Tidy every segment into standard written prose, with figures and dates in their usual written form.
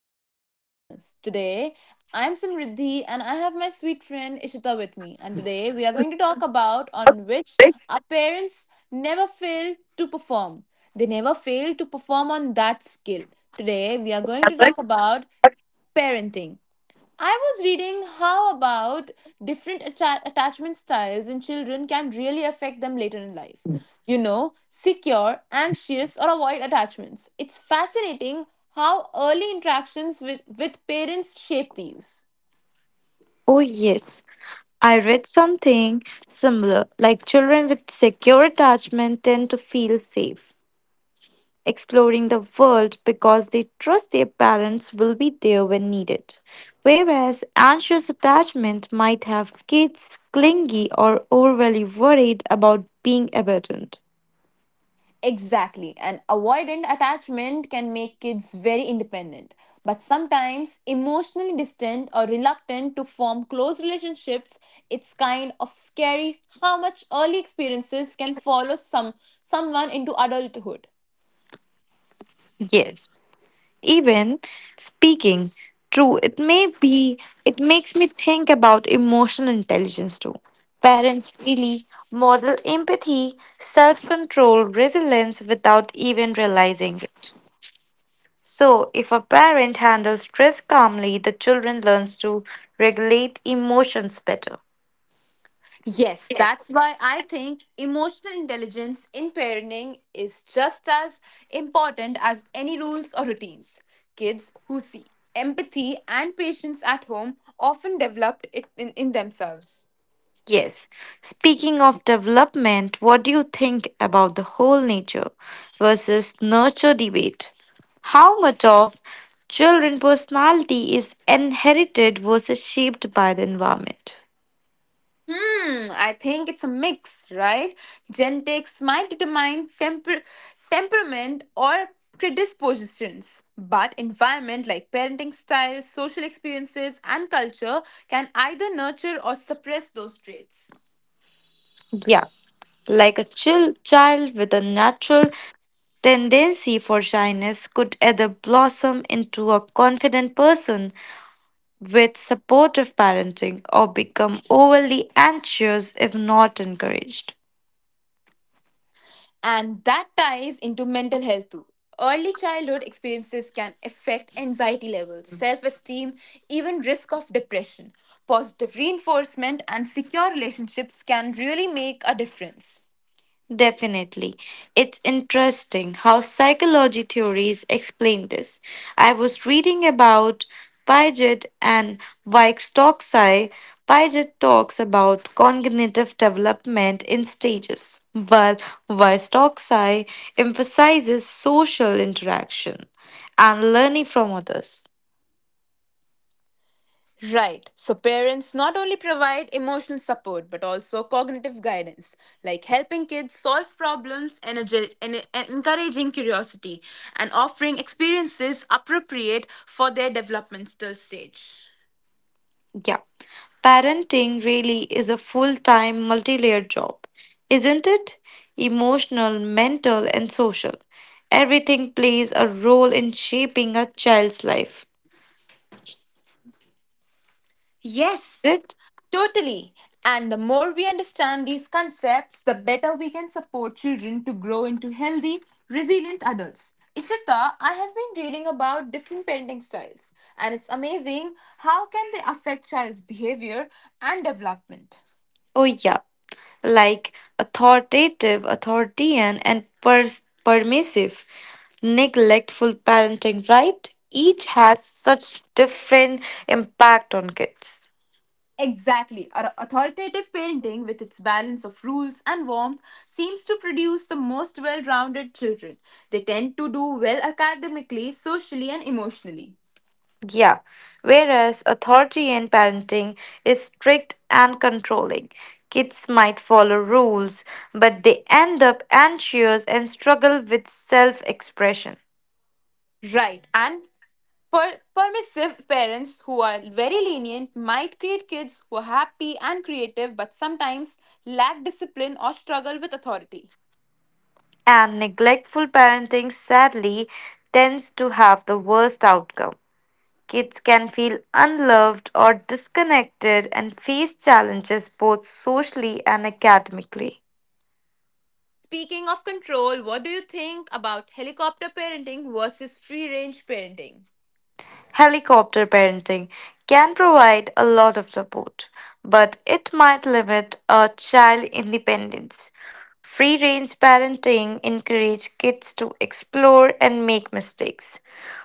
to our dear listeners. Today, I am Simriddhi and I have my sweet friend Ishita with me. And today, we are going to talk about on which our parents never fail to perform. They never fail to perform on that skill. Today, we are going to talk about parenting. I was reading how about different attachment styles in children can really affect them later in life. You know, secure, anxious, or avoid attachments. It's fascinating how early interactions with parents shape these. Oh, yes. I read something similar, like children with secure attachment tend to feel safe, exploring the world because they trust their parents will be there when needed. Whereas anxious attachment might have kids clingy or overly worried about being abandoned. Exactly. And avoidant attachment can make kids very independent, but sometimes emotionally distant or reluctant to form close relationships. It's kind of scary how much early experiences can follow someone into adulthood. Yes. Even speaking true it may be it makes me think about emotional intelligence too. Parents really model empathy, self-control, resilience without even realizing it. So if a parent handles stress calmly the children learns to regulate emotions better. Yes, that's why I think emotional intelligence in parenting is just as important as any rules or routines. Kids who see empathy and patience at home often developed it in themselves. Yes. Speaking of development, what do you think about the whole nature versus nurture debate? How much of children personality is inherited versus shaped by the environment? I think it's a mix, right? Genetics might determine temperament or predispositions, but environment like parenting style, social experiences, and culture can either nurture or suppress those traits. Yeah, like a chill child with a natural tendency for shyness could either blossom into a confident person with supportive parenting or become overly anxious if not encouraged. And that ties into mental health too. Early childhood experiences can affect anxiety levels, self esteem, even risk of depression. Positive reinforcement and secure relationships can really make a difference. Definitely. It's interesting how psychology theories explain this. I was reading about Piaget and Wieck-Stoksai. Piaget talks about cognitive development in stages, while Wieck-Stoksai emphasizes social interaction and learning from others. Right. So, parents not only provide emotional support but also cognitive guidance, like helping kids solve problems, encouraging curiosity, and offering experiences appropriate for their developmental stage. Yeah. Parenting really is a full time, multi layered job, isn't it? Emotional, mental, and social. Everything plays a role in shaping a child's life. Yes, Is it? totally. And the more we understand these concepts, the better we can support children to grow into healthy, resilient adults. Ishita, I have been reading about different parenting styles, and it's amazing how can they affect child's behavior and development. Oh, yeah. Like authoritative, authoritarian, and permissive, neglectful parenting, right? Each has such different impact on kids. Exactly. Our authoritative parenting, with its balance of rules and warmth, seems to produce the most well rounded children. They tend to do well academically, socially, and emotionally. Yeah, whereas authority in parenting is strict and controlling. Kids might follow rules, but they end up anxious and struggle with self expression. Right. And permissive parents who are very lenient might create kids who are happy and creative but sometimes lack discipline or struggle with authority. And neglectful parenting sadly tends to have the worst outcome. Kids can feel unloved or disconnected and face challenges both socially and academically. Speaking of control, what do you think about helicopter parenting versus free range parenting? Helicopter parenting can provide a lot of support, but it might limit a child independence. Free range parenting encourages kids to explore and make mistakes,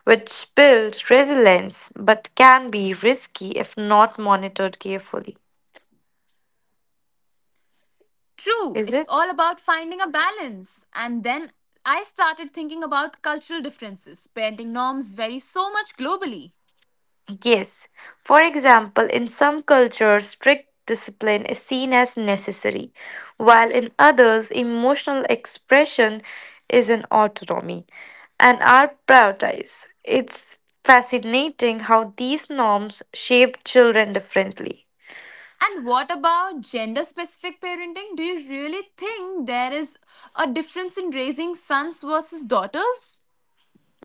which builds resilience but can be risky if not monitored carefully. True, it's all about Is finding it? a balance. And then I started thinking about cultural differences. Parenting norms vary so much globally. Yes. For example, in some cultures, strict discipline is seen as necessary, while in others, emotional expression is an autonomy and are prioritized. It's fascinating how these norms shape children differently. And what about gender specific parenting? Do you really think there is a difference in raising sons versus daughters?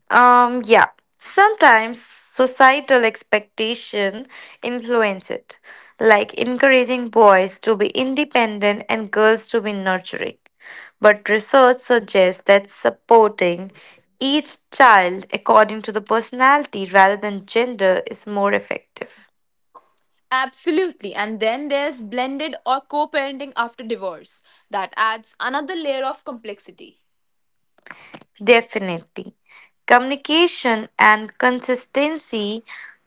Yeah. Sometimes societal expectation influence it, like encouraging boys to be independent and girls to be nurturing. But research suggests that supporting each child according to the personality rather than gender is more effective. Absolutely. And then there's blended or co parenting after divorce. That adds another layer of complexity. Definitely. Communication and consistency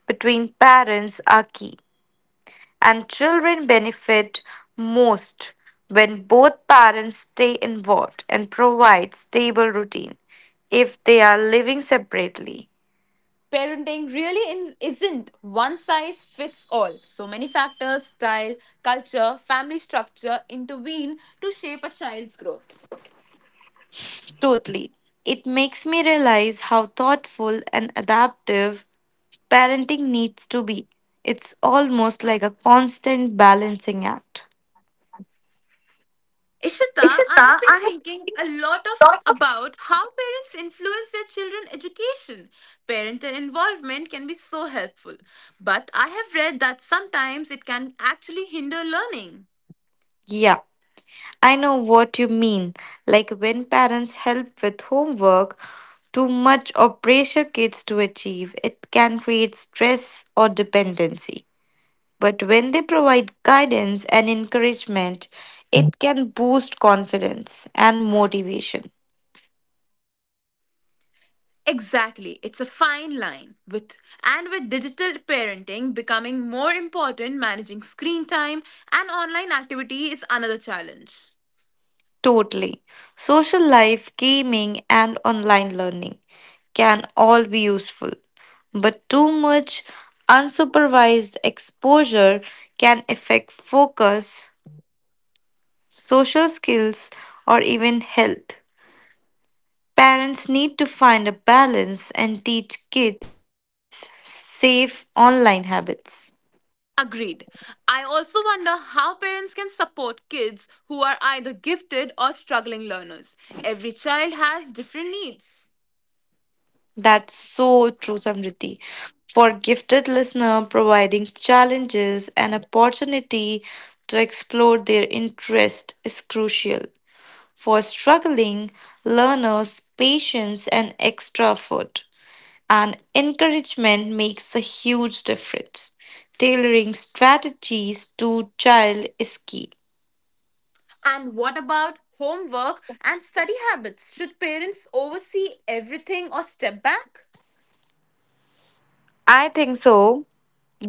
between parents are key. And children benefit most when both parents stay involved and provide stable routine if they are living separately. Parenting really isn't one size fits all. So many factors, style, culture, family structure intervene to shape a child's growth. Totally. It makes me realize how thoughtful and adaptive parenting needs to be. It's almost like a constant balancing act. Ishita, Ishita, I have been I have thinking a lot of thought of. about how parents influence their children's education. Parental involvement can be so helpful, but I have read that sometimes it can actually hinder learning. Yeah. I know what you mean. Like when parents help with homework, too much or pressure kids to achieve, it can create stress or dependency. But when they provide guidance and encouragement, it can boost confidence and motivation. Exactly, it's a fine line. With and with digital parenting becoming more important, managing screen time and online activity is another challenge. Totally. Social life, gaming, and online learning can all be useful, but too much unsupervised exposure can affect focus, social skills, or even health. Parents need to find a balance and teach kids safe online habits. Agreed. I also wonder how parents can support kids who are either gifted or struggling learners. Every child has different needs. That's so true, Samriti. For gifted listener, providing challenges and opportunity to explore their interest is crucial. For struggling learners, patience and extra effort and encouragement makes a huge difference. Tailoring strategies to child is key. And what about homework and study habits? Should parents oversee everything or step back? I think so.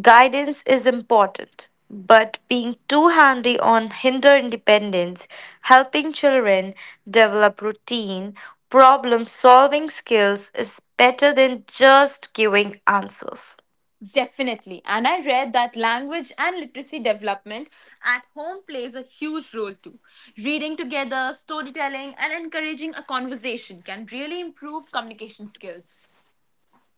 Guidance is important, but being too handy on hinder independence, helping children develop routine, problem solving skills is better than just giving answers. Definitely. And I read that language and literacy development at home plays a huge role too. Reading together, storytelling, and encouraging a conversation can really improve communication skills.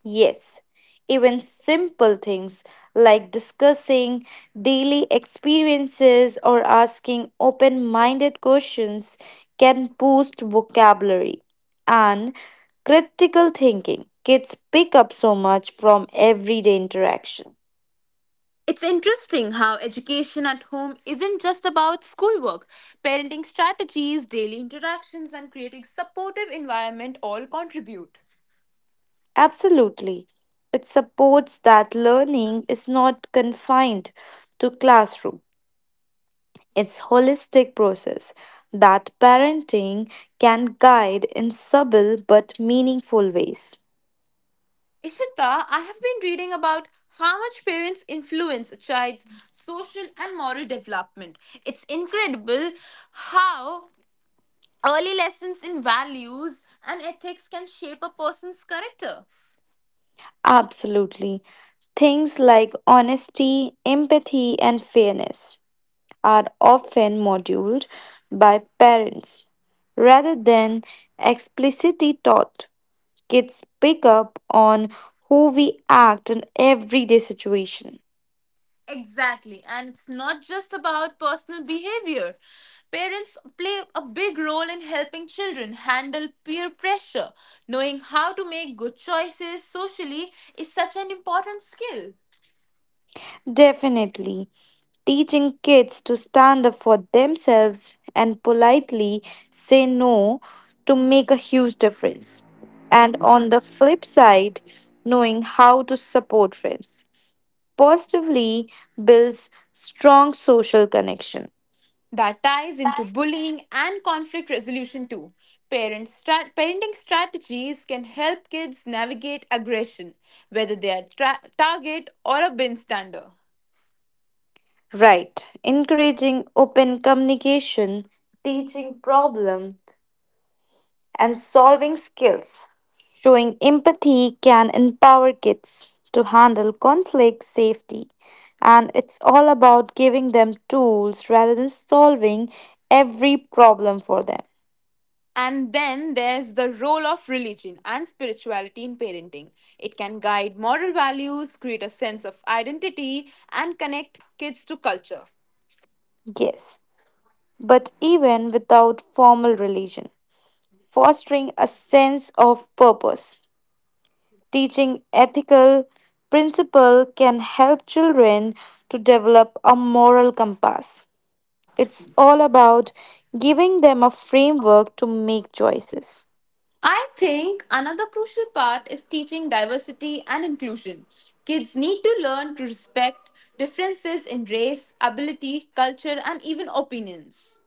Yes, even simple things like discussing daily experiences or asking open minded questions can boost vocabulary and critical thinking. Kids pick up so much from everyday interaction. It's interesting how education at home isn't just about schoolwork. Parenting strategies, daily interactions, and creating supportive environment all contribute. Absolutely. It supports that learning is not confined to classroom. It's holistic process that parenting can guide in subtle but meaningful ways. Ishita, I have been reading about how much parents influence a child's social and moral development. It's incredible how early lessons in values and ethics can shape a person's character. Absolutely. Things like honesty, empathy, and fairness are often modeled by parents rather than explicitly taught. Kids pick up on who we act in everyday situation. Exactly. And it's not just about personal behavior. Parents play a big role in helping children handle peer pressure. Knowing how to make good choices socially is such an important skill. Definitely. Teaching kids to stand up for themselves and politely say no to make a huge difference. And on the flip side, knowing how to support friends positively builds strong social connection. That ties into bullying and conflict resolution too. Parenting strategies can help kids navigate aggression, whether they are target or a bin stander. Right. Encouraging open communication, teaching problem and solving skills. Showing empathy can empower kids to handle conflict safely. And it's all about giving them tools rather than solving every problem for them. And then there's the role of religion and spirituality in parenting. It can guide moral values, create a sense of identity, and connect kids to culture. Yes, but even without formal religion, fostering a sense of purpose, teaching ethical principle can help children to develop a moral compass. It's all about giving them a framework to make choices. I think another crucial part is teaching diversity and inclusion. Kids need to learn to respect differences in race, ability, culture, and even opinions.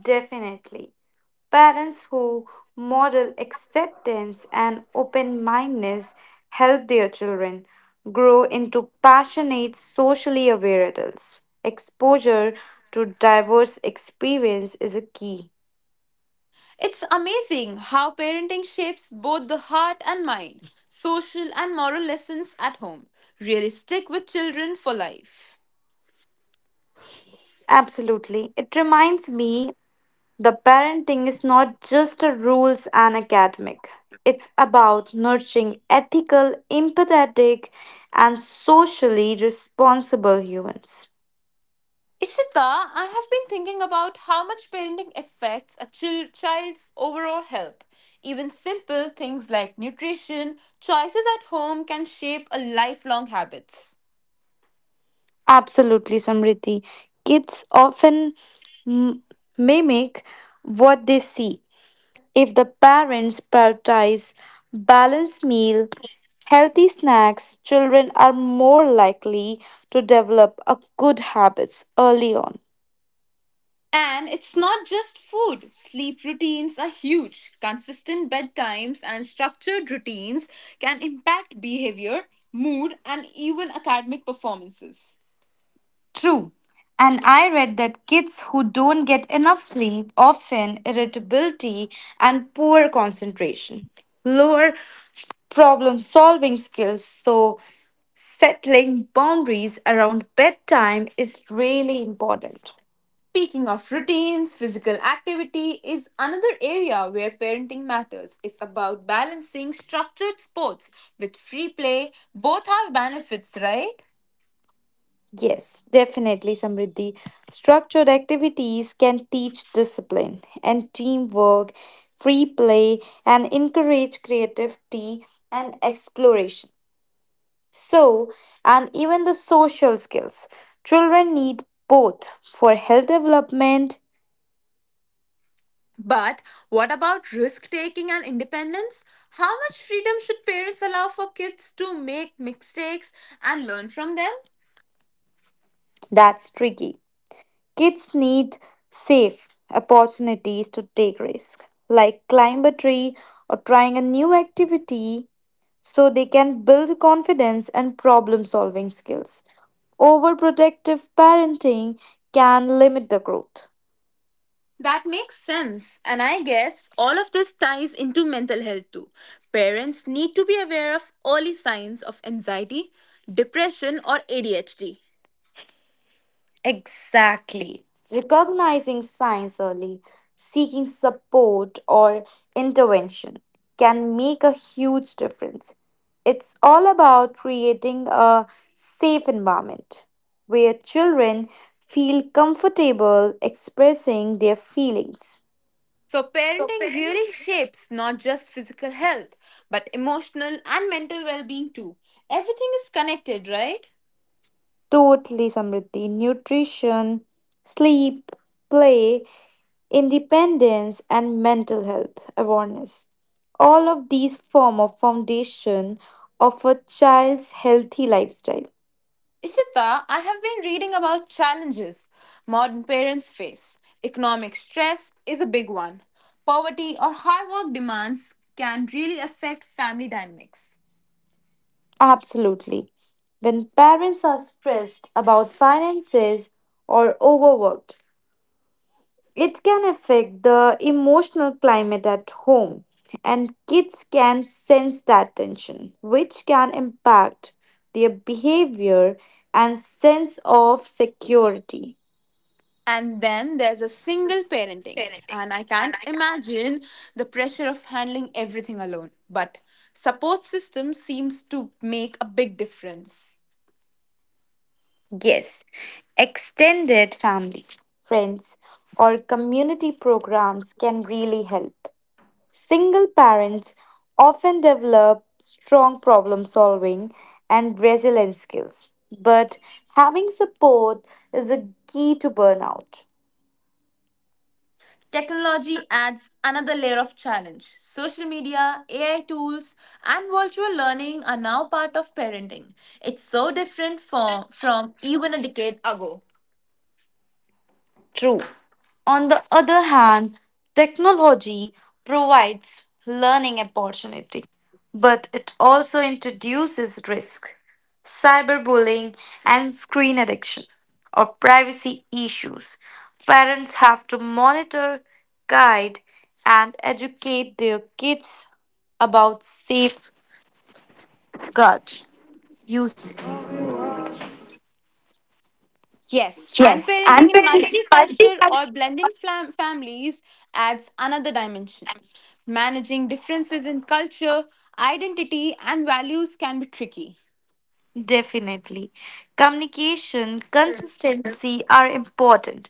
Definitely. Parents who model acceptance and open mindedness help their children grow into passionate, socially aware adults. Exposure to diverse experience is a key. It's amazing how parenting shapes both the heart and mind. Social and moral lessons at home really stick with children for life. Absolutely. It reminds me the parenting is not just a rules and academic. It's about nurturing ethical, empathetic, and socially responsible humans. Ishita, I have been thinking about how much parenting affects a child's overall health. Even simple things like nutrition, choices at home can shape a lifelong habits. Absolutely, Samriti. Kids often m- mimic what they see. If the parents prioritize balanced meal, healthy snacks, children are more likely to develop a good habits early on. And it's not just food. Sleep routines are huge. Consistent bedtimes and structured routines can impact behavior, mood, and even academic performances. True. And I read that kids who don't get enough sleep often irritability and poor concentration, lower problem solving skills. So, settling boundaries around bedtime is really important. Speaking of routines, physical activity is another area where parenting matters. It's about balancing structured sports with free play. Both have benefits, right? Yes, definitely, Samriddhi. Structured activities can teach discipline and teamwork, free play, and encourage creativity and exploration. So, and even the social skills. Children need both for health development. But what about risk taking and independence? How much freedom should parents allow for kids to make mistakes and learn from them? That's tricky. Kids need safe opportunities to take risks, like climb a tree or trying a new activity, so they can build confidence and problem solving skills. Overprotective parenting can limit the growth. That makes sense. And I guess all of this ties into mental health too. Parents need to be aware of early signs of anxiety, depression, or ADHD. Exactly. Recognizing signs early, seeking support or intervention can make a huge difference. It's all about creating a safe environment where children feel comfortable expressing their feelings. So, parenting really shapes not just physical health, but emotional and mental well being too. Everything is connected, right? Totally, Samriddhi. Nutrition, sleep, play, independence and mental health awareness. All of these form a foundation of a child's healthy lifestyle. Ishita, I have been reading about challenges modern parents face. Economic stress is a big one. Poverty or high work demands can really affect family dynamics. Absolutely. When parents are stressed about finances or overworked, it can affect the emotional climate at home, and kids can sense that tension, which can impact their behavior and sense of security. And then there's a single parenting, and I can't imagine the pressure of handling everything alone. But support system seems to make a big difference. Yes, extended family, friends, or community programs can really help. Single parents often develop strong problem solving and resilience skills, but having support is a key to burnout. Technology adds another layer of challenge. Social media, AI tools, and virtual learning are now part of parenting. It's so different from even a decade ago. True. On the other hand, technology provides learning opportunity, but it also introduces risk, cyberbullying and screen addiction or privacy issues. Parents have to monitor, guide and educate their kids about safeguards used. Yes, and parenting in multicultural or blended families adds another dimension. Managing differences in culture, identity, and values can be tricky. Definitely. Communication, consistency are important.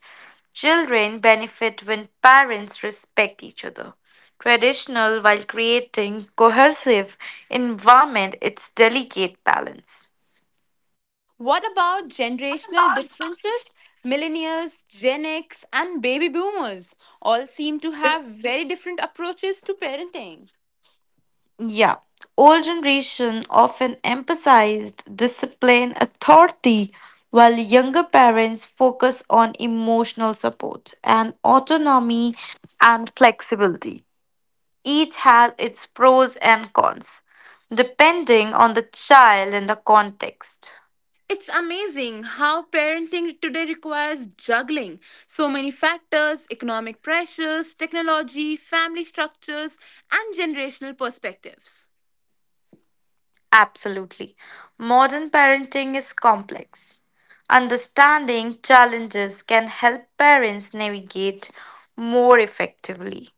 Children benefit when parents respect each other. Traditional while creating cohesive environment, it's delicate balance. What about generational differences? Millennials, Gen X, and baby boomers all seem to have very different approaches to parenting. Yeah. Old generation often emphasized discipline authority while younger parents focus on emotional support and autonomy and flexibility. Each has its pros and cons, depending on the child and the context. It's amazing how parenting today requires juggling so many factors economic pressures, technology, family structures, and generational perspectives. Absolutely. Modern parenting is complex. Understanding challenges can help parents navigate more effectively.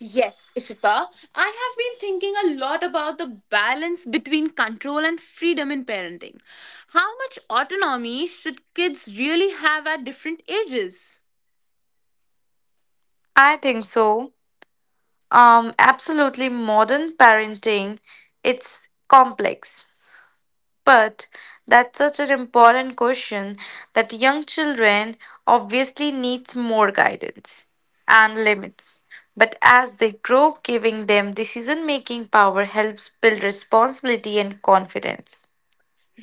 Yes, Ishita. I have been thinking a lot about the balance between control and freedom in parenting. How much autonomy should kids really have at different ages? I think so. Absolutely, modern parenting, it's complex. But that's such an important question that young children obviously needs more guidance and limits. But as they grow, giving them decision-making power helps build responsibility and confidence.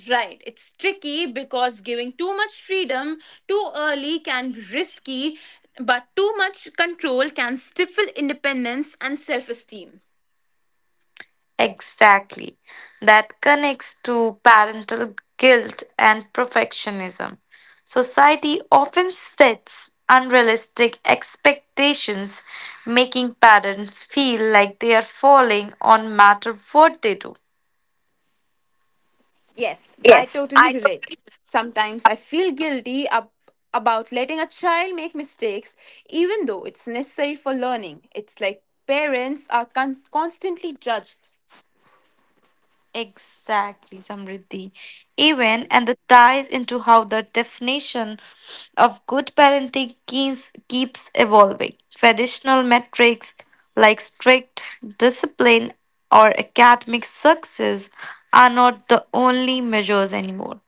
Right, it's tricky because giving too much freedom too early can be risky, but too much control can stifle independence and self esteem. Exactly. That connects to parental guilt and perfectionism. Society often sets unrealistic expectations, making parents feel like they are falling on matter what they do. Yes, I Yes, totally I relate. totally. Sometimes I feel guilty about letting a child make mistakes, even though it's necessary for learning. It's like parents are constantly judged. Exactly, Samriddhi. Even and that ties into how the definition of good parenting keeps evolving. Traditional metrics like strict discipline or academic success are not the only measures anymore.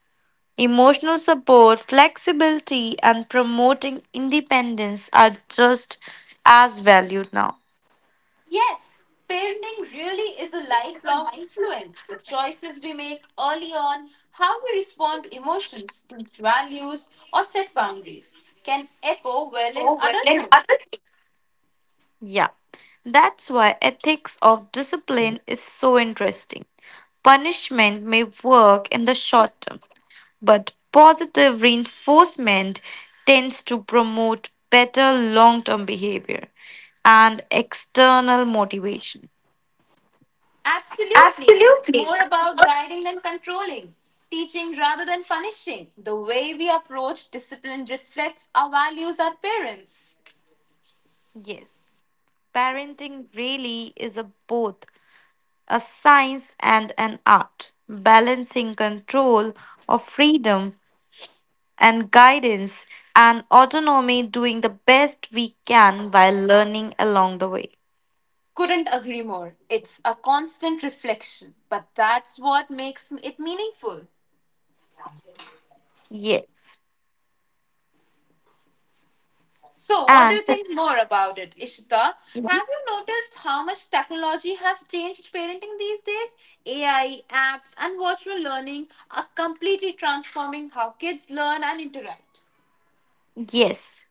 Emotional support, flexibility, and promoting independence are just as valued now. Yes, parenting really is a lifelong influence. The choices we make early on, how we respond to emotions, teach values, or set boundaries can echo well in adulthood. Yeah, that's why ethics of discipline is so interesting. Punishment may work in the short term, but positive reinforcement tends to promote better long term behavior and external motivation. Absolutely. It's Absolutely. more about guiding than controlling, teaching rather than punishing. The way we approach discipline reflects our values as parents. Yes, parenting really is a both a science and an art, balancing control or freedom and guidance and autonomy, doing the best we can while learning along the way. Couldn't agree more. It's a constant reflection, but that's what makes it meaningful. Yes. So, what do And you think more about it, Ishita? mhm. Have you noticed how much technology has changed parenting these days? AI, apps, and virtual learning are completely transforming how kids learn and interact. Yes.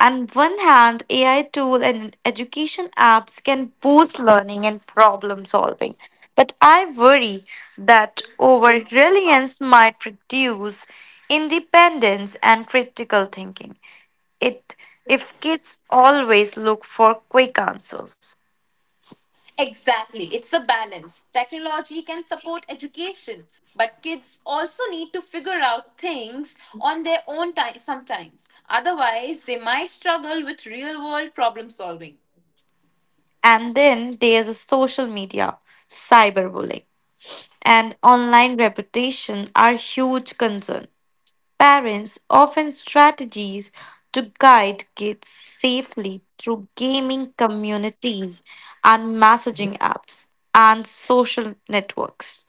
On one hand, AI tool and education apps can boost learning and problem solving. But I worry that over reliance might reduce independence and critical thinking. It if kids always look for quick answers. Exactly. It's a balance. Technology can support education, but kids also need to figure out things on their own time sometimes. Otherwise, they might struggle with real world problem solving. And then there's a social media, cyberbullying, and online reputation are huge concern. Parents often strategies to guide kids safely through gaming communities and messaging apps and social networks.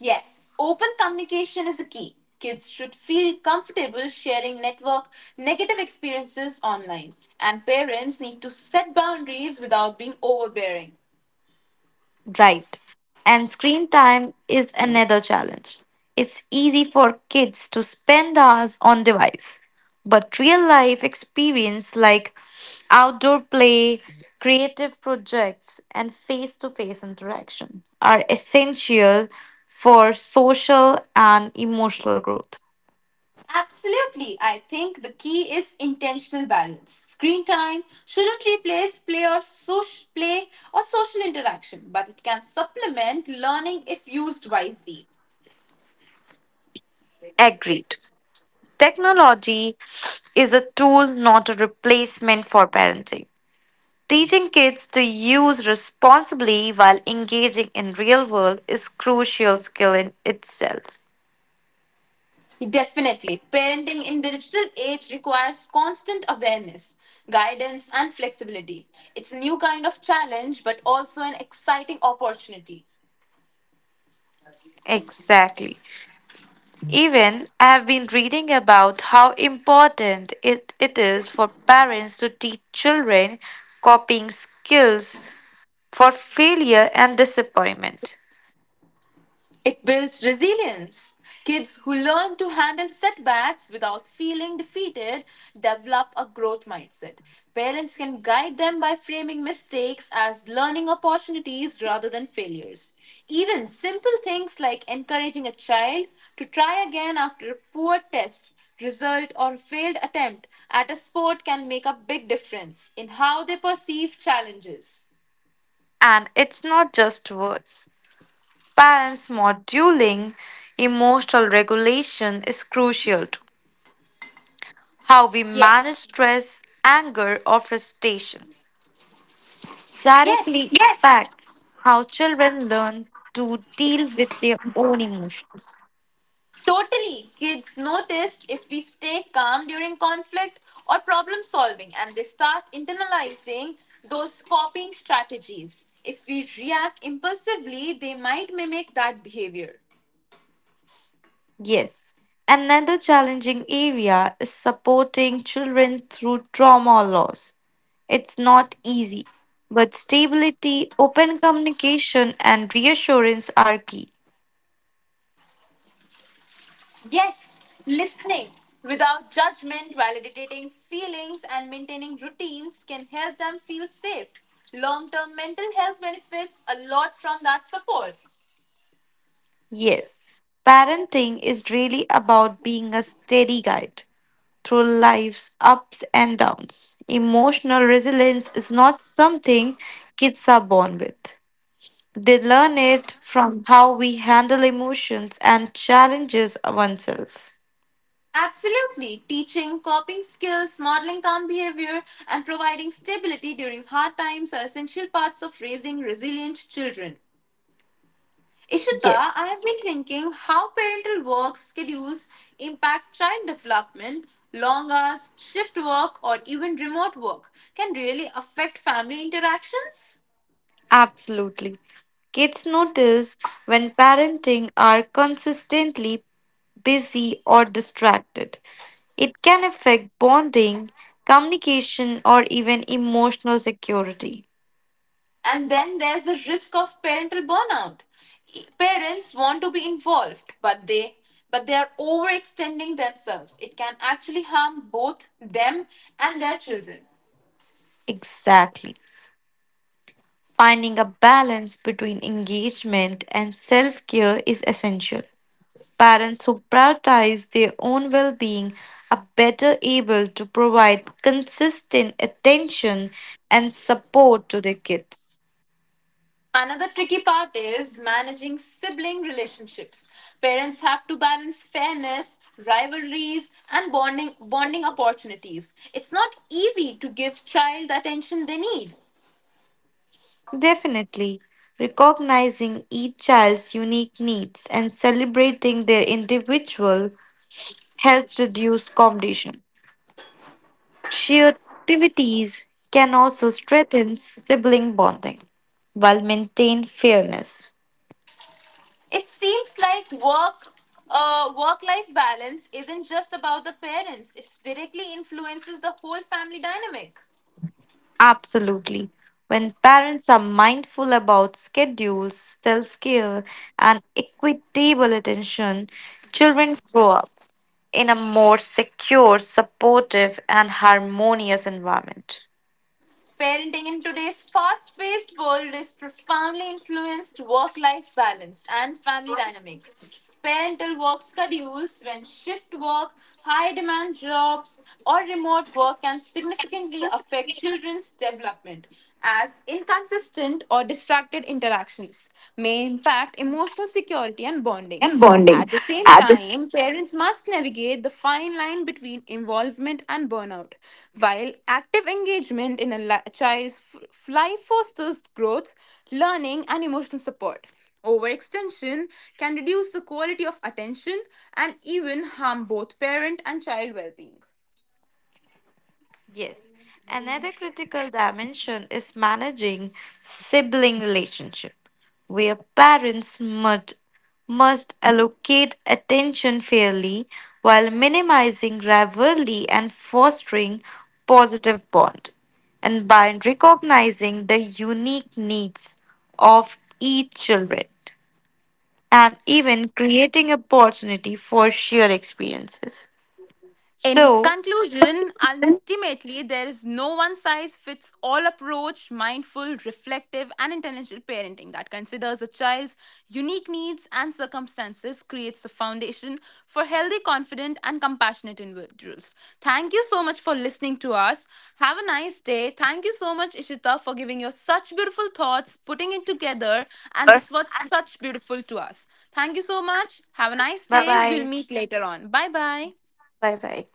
Yes, open communication is the key. Kids should feel comfortable sharing network negative experiences online, and parents need to set boundaries without being overbearing. Right. And screen time is another challenge. It's easy for kids to spend hours on device, but real life experience like outdoor play, creative projects and face-to-face interaction are essential for social and emotional growth. Absolutely. I think the key is intentional balance. Screen time shouldn't replace play or social interaction, but it can supplement learning if used wisely. Agreed. Technology is a tool, not a replacement for parenting. Teaching kids to use responsibly while engaging in real world is crucial skill in itself. Definitely. Parenting in digital age requires constant awareness, guidance and flexibility. It's a new kind of challenge but also an exciting opportunity. Exactly. Even I have been reading about how important it is for parents to teach children coping skills for failure and disappointment. It builds resilience. Kids who learn to handle setbacks without feeling defeated develop a growth mindset. Parents can guide them by framing mistakes as learning opportunities rather than failures. Even simple things like encouraging a child to try again after a poor test, result, or failed attempt at a sport can make a big difference in how they perceive challenges. And it's not just words. Parents modeling emotional regulation is crucial too. How we manage Yes. stress, anger, or frustration Yes. directly impacts how children learn to deal with their own emotions. Totally. Kids notice if we stay calm during conflict or problem solving and they start internalizing those coping strategies. If we react impulsively, they might mimic that behavior. Yes. Another challenging area is supporting children through trauma or loss. It's not easy, but stability, open communication, and reassurance are key. Yes, listening without judgment, validating feelings, and maintaining routines can help them feel safe. Long term mental health benefits a lot from that support. Yes, parenting is really about being a steady guide, through life's ups and downs. Emotional resilience is not something kids are born with. They learn it from how we handle emotions and challenges oneself. Absolutely. Teaching coping skills, modeling calm behavior, and providing stability during hard times are essential parts of raising resilient children. Yes, Ishita, I have been thinking how parental work schedules impact child development. Long hours, shift work, or even remote work can really affect family interactions. absolutely. Kids notice when parenting are consistently busy or distracted. It can affect bonding, communication, or even emotional security. And then there's the risk of parental burnout. Parents want to be involved, but they are overextending themselves. It can actually harm both them and their children. Exactly. Finding a balance between engagement and self care is essential. Parents who prioritize their own well being are better able to provide consistent attention and support to their kids. Another tricky part is managing sibling relationships. Parents have to balance fairness, rivalries, and bonding opportunities. It's not easy to give child the attention they need. Definitely, recognizing each child's unique needs and celebrating their individual helps reduce competition. Shared activities can also strengthen sibling bonding while maintain fairness. It seems like work life balance isn't just about the parents. It directly influences the whole family dynamic. Absolutely. When parents are mindful about schedules, self care, and equitable attention, children grow up in a more secure, supportive, and harmonious environment. Parenting in today's fast paced world is profoundly influenced work life balance and family dynamics. Parental work schedules, when shift work, high demand jobs, or remote work can significantly affect children's development, as inconsistent or distracted interactions may impact emotional security and bonding. And At bonding. the same At the. time, parents must navigate the fine line between involvement and burnout. While active engagement in a child's life fosters growth, learning, and emotional support, overextension can reduce the quality of attention and even harm both parent and child well being. Yes. Another critical dimension is managing sibling relationship, where parents must allocate attention fairly while minimizing rivalry and fostering positive bond. And by recognizing the unique needs of each children and even creating opportunity for shared experiences. In So, conclusion, ultimately, there is no one size fits all approach, mindful, reflective, and intelligent parenting that considers a child's unique needs and circumstances creates a foundation for healthy, confident, and compassionate individuals. Thank you so much for listening to us. Have a nice day. Thank you so much, Ishita, for giving your such beautiful thoughts, putting it together, and bye this was such beautiful to us. Thank you so much. Have a nice day. We'll bye. meet later on. Bye bye. Bye bye.